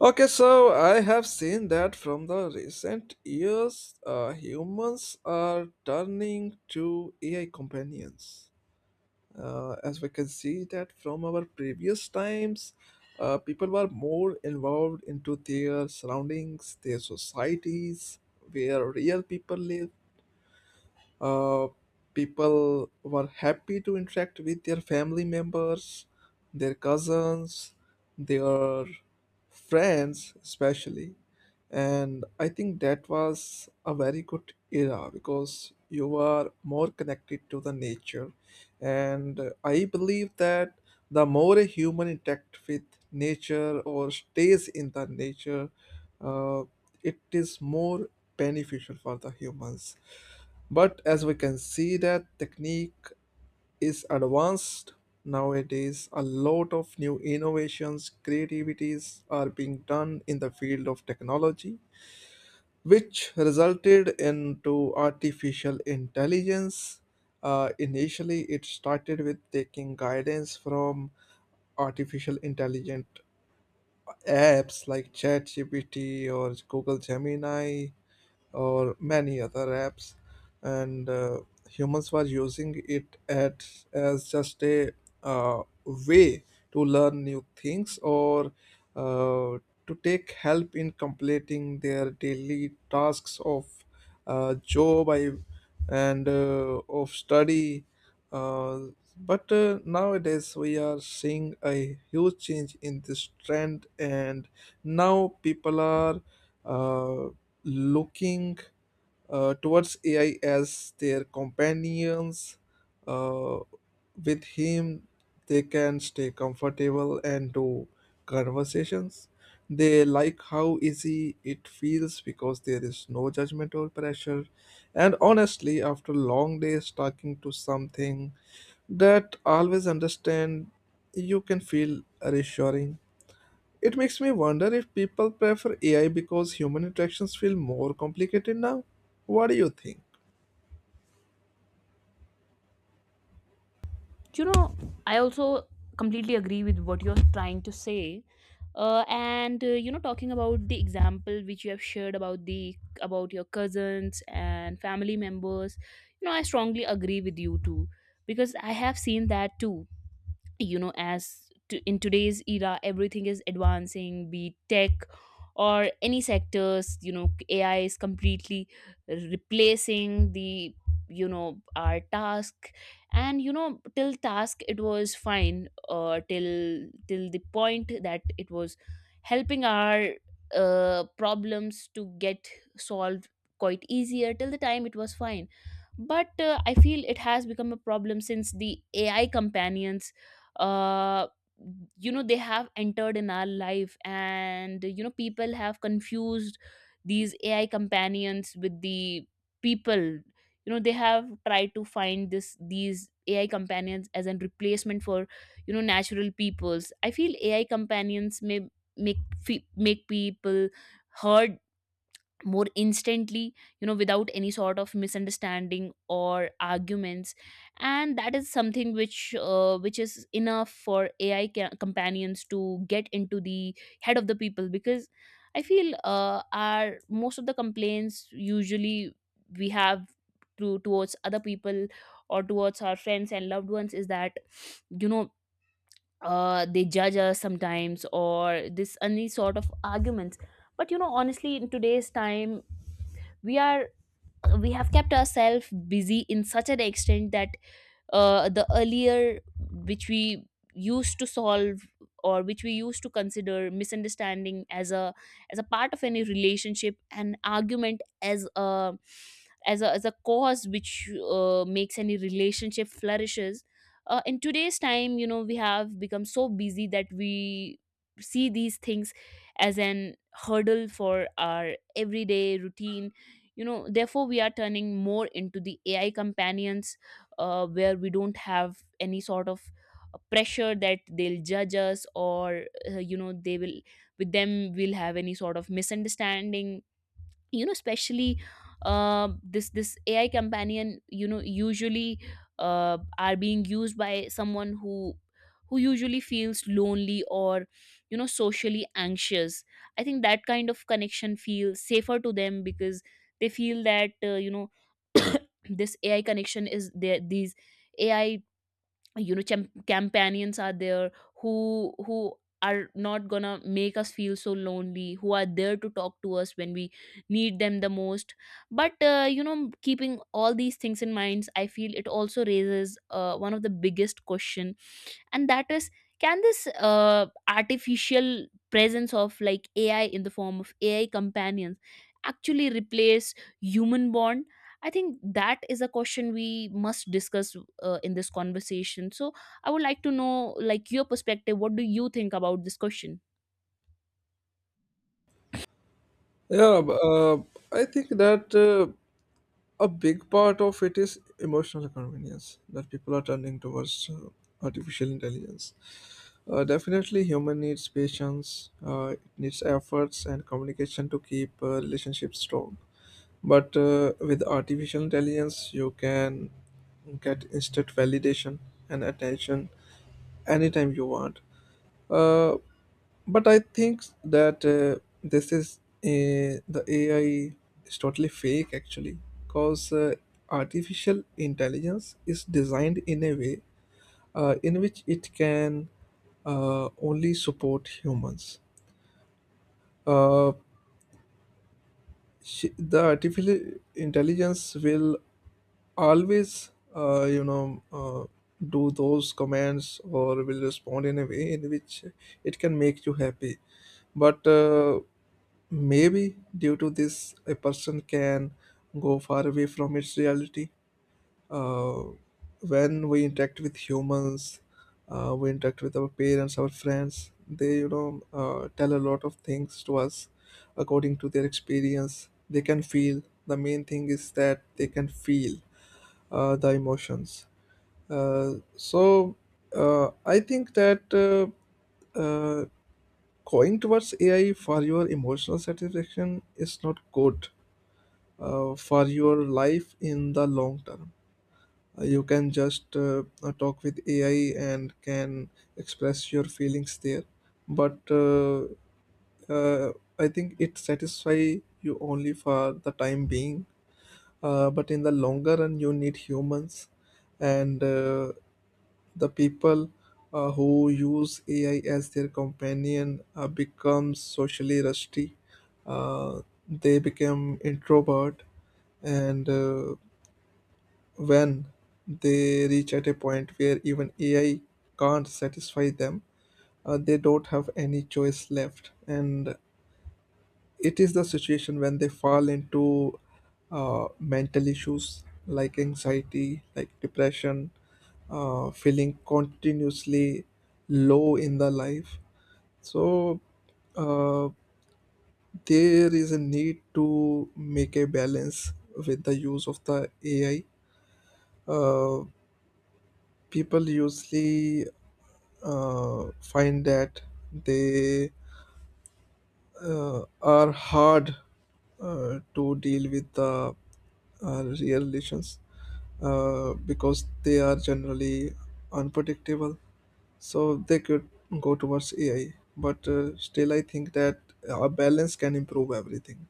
Okay, so I have seen that from the recent years, humans are turning to AI companions. As we can see that from our previous times, people were more involved into their surroundings, their societies, where real people live. uh, People were happy to interact with their family members, their cousins, their friends, especially. And I think that was a very good era because you were more connected to the nature. And I believe that the more a human interact with nature or stays in the nature, uh, it is more beneficial for the humans, but as we can see that technique is advanced nowadays, a lot of new innovations, creativities are being done in the field of technology, which resulted into artificial intelligence. Initially, it started with taking guidance from artificial intelligent apps like ChatGPT or Google Gemini or many other apps, and humans were using it at, as just a way to learn new things or uh, to take help in completing their daily tasks of job I, and of study, uh, but nowadays we are seeing a huge change in this trend, and now people are uh, looking towards AI as their companions. Uh, with him, they can stay comfortable and do conversations. They like how easy it feels because there is no judgment or pressure. And honestly, after long days talking to something that always understand, you can feel reassuring. It makes me wonder if people prefer AI because human interactions feel more complicated now. What do you think? you know I also completely agree with what you're trying to say. And talking about the example which you have shared about the about your cousins and family members. I strongly agree with you too, because I have seen that too. In today's era, everything is advancing, be it tech or any sectors. AI is completely replacing the you know our task. And till task it was fine. Till the point that it was helping our problems to get solved quite easier, till the time it was fine. But I feel it has become a problem since the AI companions uh, they have entered in our life, and people have confused these AI companions with the people. They have tried to find this these AI companions as a replacement for natural peoples. I feel AI companions may make people heard more instantly, without any sort of misunderstanding or arguments. And that is something which is enough for companions to get into the head of the people, because I feel our most of the complaints usually we have towards other people or towards our friends and loved ones is that you know they judge us sometimes or this any sort of arguments. But honestly, in today's time, we are we have kept ourselves busy in such an extent that the earlier which we used to solve or which we used to consider misunderstanding as a part of any relationship, and argument as a cause which makes any relationship flourishes. In today's time, we have become so busy that we see these things as an hurdle for our everyday routine. Therefore, we are turning more into the AI companions, where we don't have any sort of pressure that they'll judge us or they will with them we'll have any sort of misunderstanding. Especially, this AI companion usually are being used by someone who usually feels lonely or socially anxious. I think that kind of connection feels safer to them because they feel that this AI connection is there, these AI companions are there, who are not gonna make us feel so lonely, who are there to talk to us when we need them the most. But keeping all these things in mind, I feel it also raises one of the biggest question, and that is, can this artificial presence of like AI in the form of AI companions actually replace human bond? I think that is a question we must discuss in this conversation. So I would like to know like your perspective, what do you think about this question? Yeah, I think that a big part of it is emotional convenience that people are turning towards artificial intelligence. Definitely, human needs patience, it needs efforts and communication to keep relationships strong. But with artificial intelligence, you can get instant validation and attention anytime you want. Uh, but I think that this is the AI is totally fake actually, because artificial intelligence is designed in a way in which it can only support humans. Uh, the artificial intelligence will always do those commands or will respond in a way in which it can make you happy, but maybe due to this a person can go far away from its reality. uh, when we interact with humans, we interact with our parents, our friends, they, tell a lot of things to us according to their experience. They can feel, the main thing is that they can feel the emotions. So I think that uh, going towards AI for your emotional satisfaction is not good for your life in the long term. You can just talk with AI and can express your feelings there, but I think it satisfy you only for the time being. But in the longer run, you need humans, and the people who use AI as their companion become socially rusty. Uh, they become introvert, and when they reach at a point where even AI can't satisfy them, they don't have any choice left. And it is the situation when they fall into mental issues like anxiety, like depression, feeling continuously low in the life. So uh, there is a need to make a balance with the use of the AI. Uh, People usually find that they are hard to deal with the real relations because they are generally unpredictable. So they could go towards AI, but still, I think that a balance can improve everything.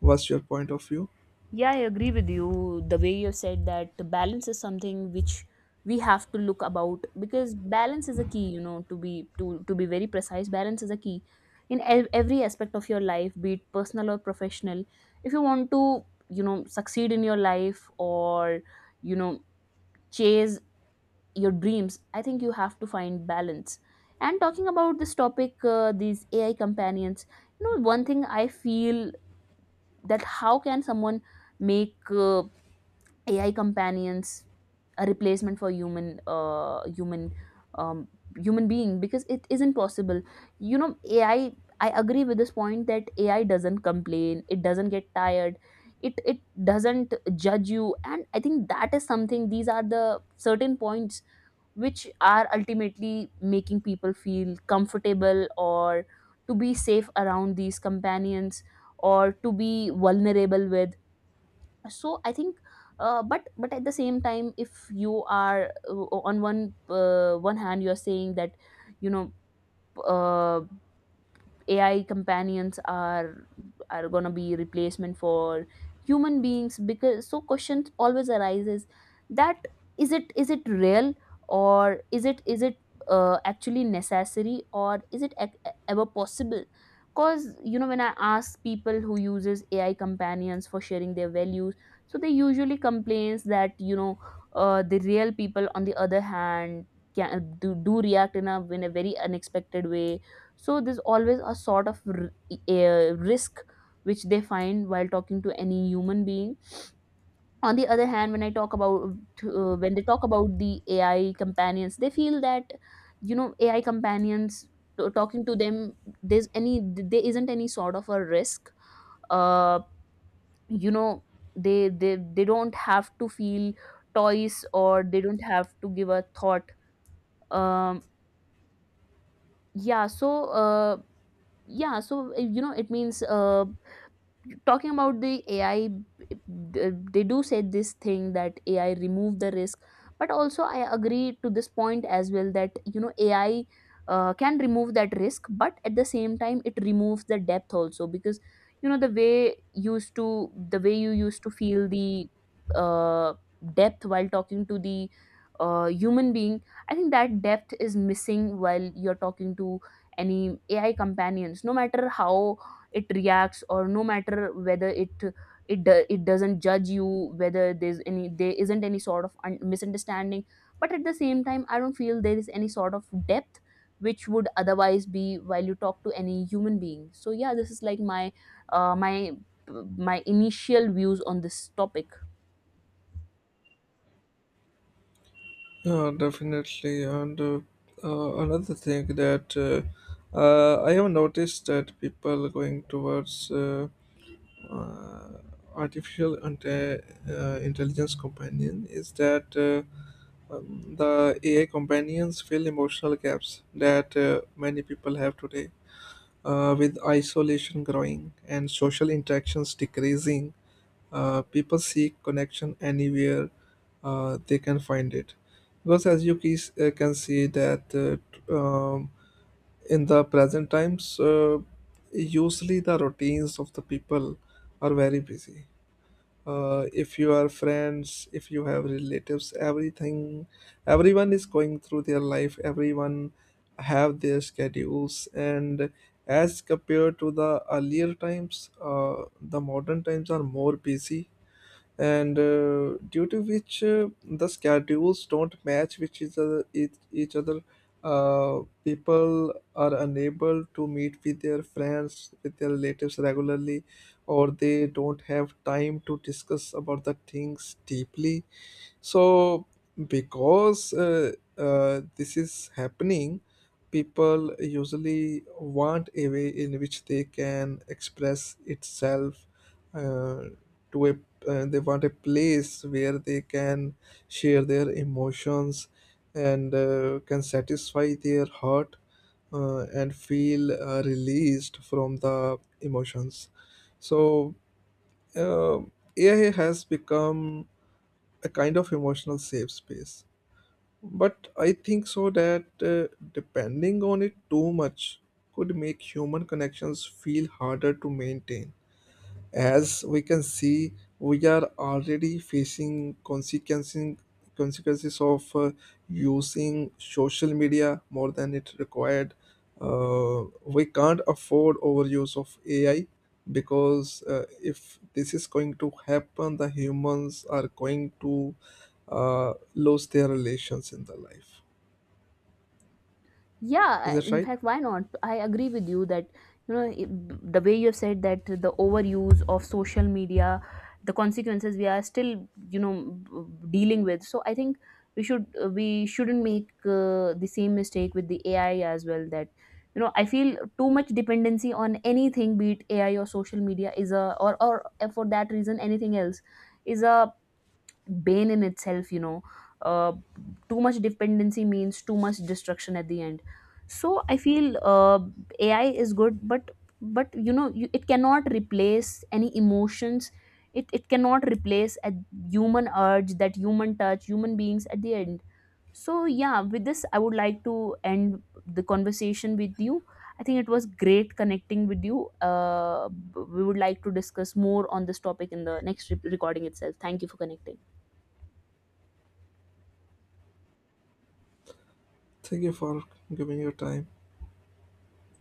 What's your point of view? Yeah, I agree with you. The way you said that the balance is something which we have to look about, because balance is a key, to be very precise, balance is a key in every aspect of your life, be it personal or professional. If you want to, succeed in your life, or you know, chase your dreams, I think you have to find balance. And talking about this topic, these AI companions, one thing I feel that how can someone make AI companions a replacement for um, human being, because it isn't possible. AI. I agree with this point that AI doesn't complain. It doesn't get tired. It doesn't judge you, and I think that is something. These are the certain points which are ultimately making people feel comfortable, or to be safe around these companions, or to be vulnerable with. So I think, but at the same time, if you are on one hand, you are saying that you know uh, AI companions are going to be replacement for human beings, because so questions always arises that is it real, or is it actually necessary, or is it ever possible? Because when I ask people who uses AI companions for sharing their values, so they usually complains that the real people on the other hand do react in a very unexpected way. So there's always a sort of a risk which they find while talking to any human being. On the other hand, when they talk about the AI companions, they feel that AI companions, talking to them, there isn't any sort of a risk. uh you know they don't have to feel toys, or they don't have to give a thought. um yeah so uh yeah, so it means talking about the AI, they do say this thing that AI remove the risk. But also I agree to this point as well that AI can remove that risk, but at the same time it removes the depth also. Because the way you used to feel the uh, depth while talking to the human being. I think that depth is missing while you're talking to any AI companions, no matter how it reacts, or no matter whether it doesn't judge you, whether there isn't any sort of misunderstanding. But at the same time, I don't feel there is any sort of depth which would otherwise be while you talk to any human being. So, yeah, this is like uh, my my initial views on this topic. Yeah, definitely. And another thing that I have noticed that people going towards uh, artificial intelligence companion is that the AI companions fill emotional gaps that many people have today. With isolation growing and social interactions decreasing, people seek connection anywhere they can find it. Because as you can see that in the present times, usually the routines of the people are very busy. If you are friends, if you have relatives, everything, everyone is going through their life, everyone have their schedules, and as compared to the earlier times, the modern times are more busy, and due to which the schedules don't match, which is, each other. People are unable to meet with their friends, with their relatives regularly, or they don't have time to discuss about the things deeply. So, because this is happening, people usually want a way in which they can express itself uh, to a they want a place where they can share their emotions and can satisfy their heart, and feel released from the emotions. So uh, ai has become a kind of emotional safe space. But I think so that depending on it too much could make human connections feel harder to maintain. As we can see, we are already facing consequences of using social media more than it required. We can't afford overuse of AI because if this is going to happen, the humans are going to lose their relations in the life. Yeah, Is that in right? fact, why not? I agree with you that the way you have said that the overuse of social media, the consequences we are still you know dealing with. So I think we shouldn't make the same mistake with the AI as well. That I feel too much dependency on anything, be it AI or social media, is a or for that reason anything else is a bane in itself. Uh, Too much dependency means too much destruction at the end. So I feel AI is good, but it cannot replace any emotions. It cannot replace a human urge, that human touch, human beings at the end. So, yeah, with this I would like to end the conversation with you. I think it was great connecting with you. We would like to discuss more on this topic in the next recording itself. Thank you for connecting. Thank you for giving your time.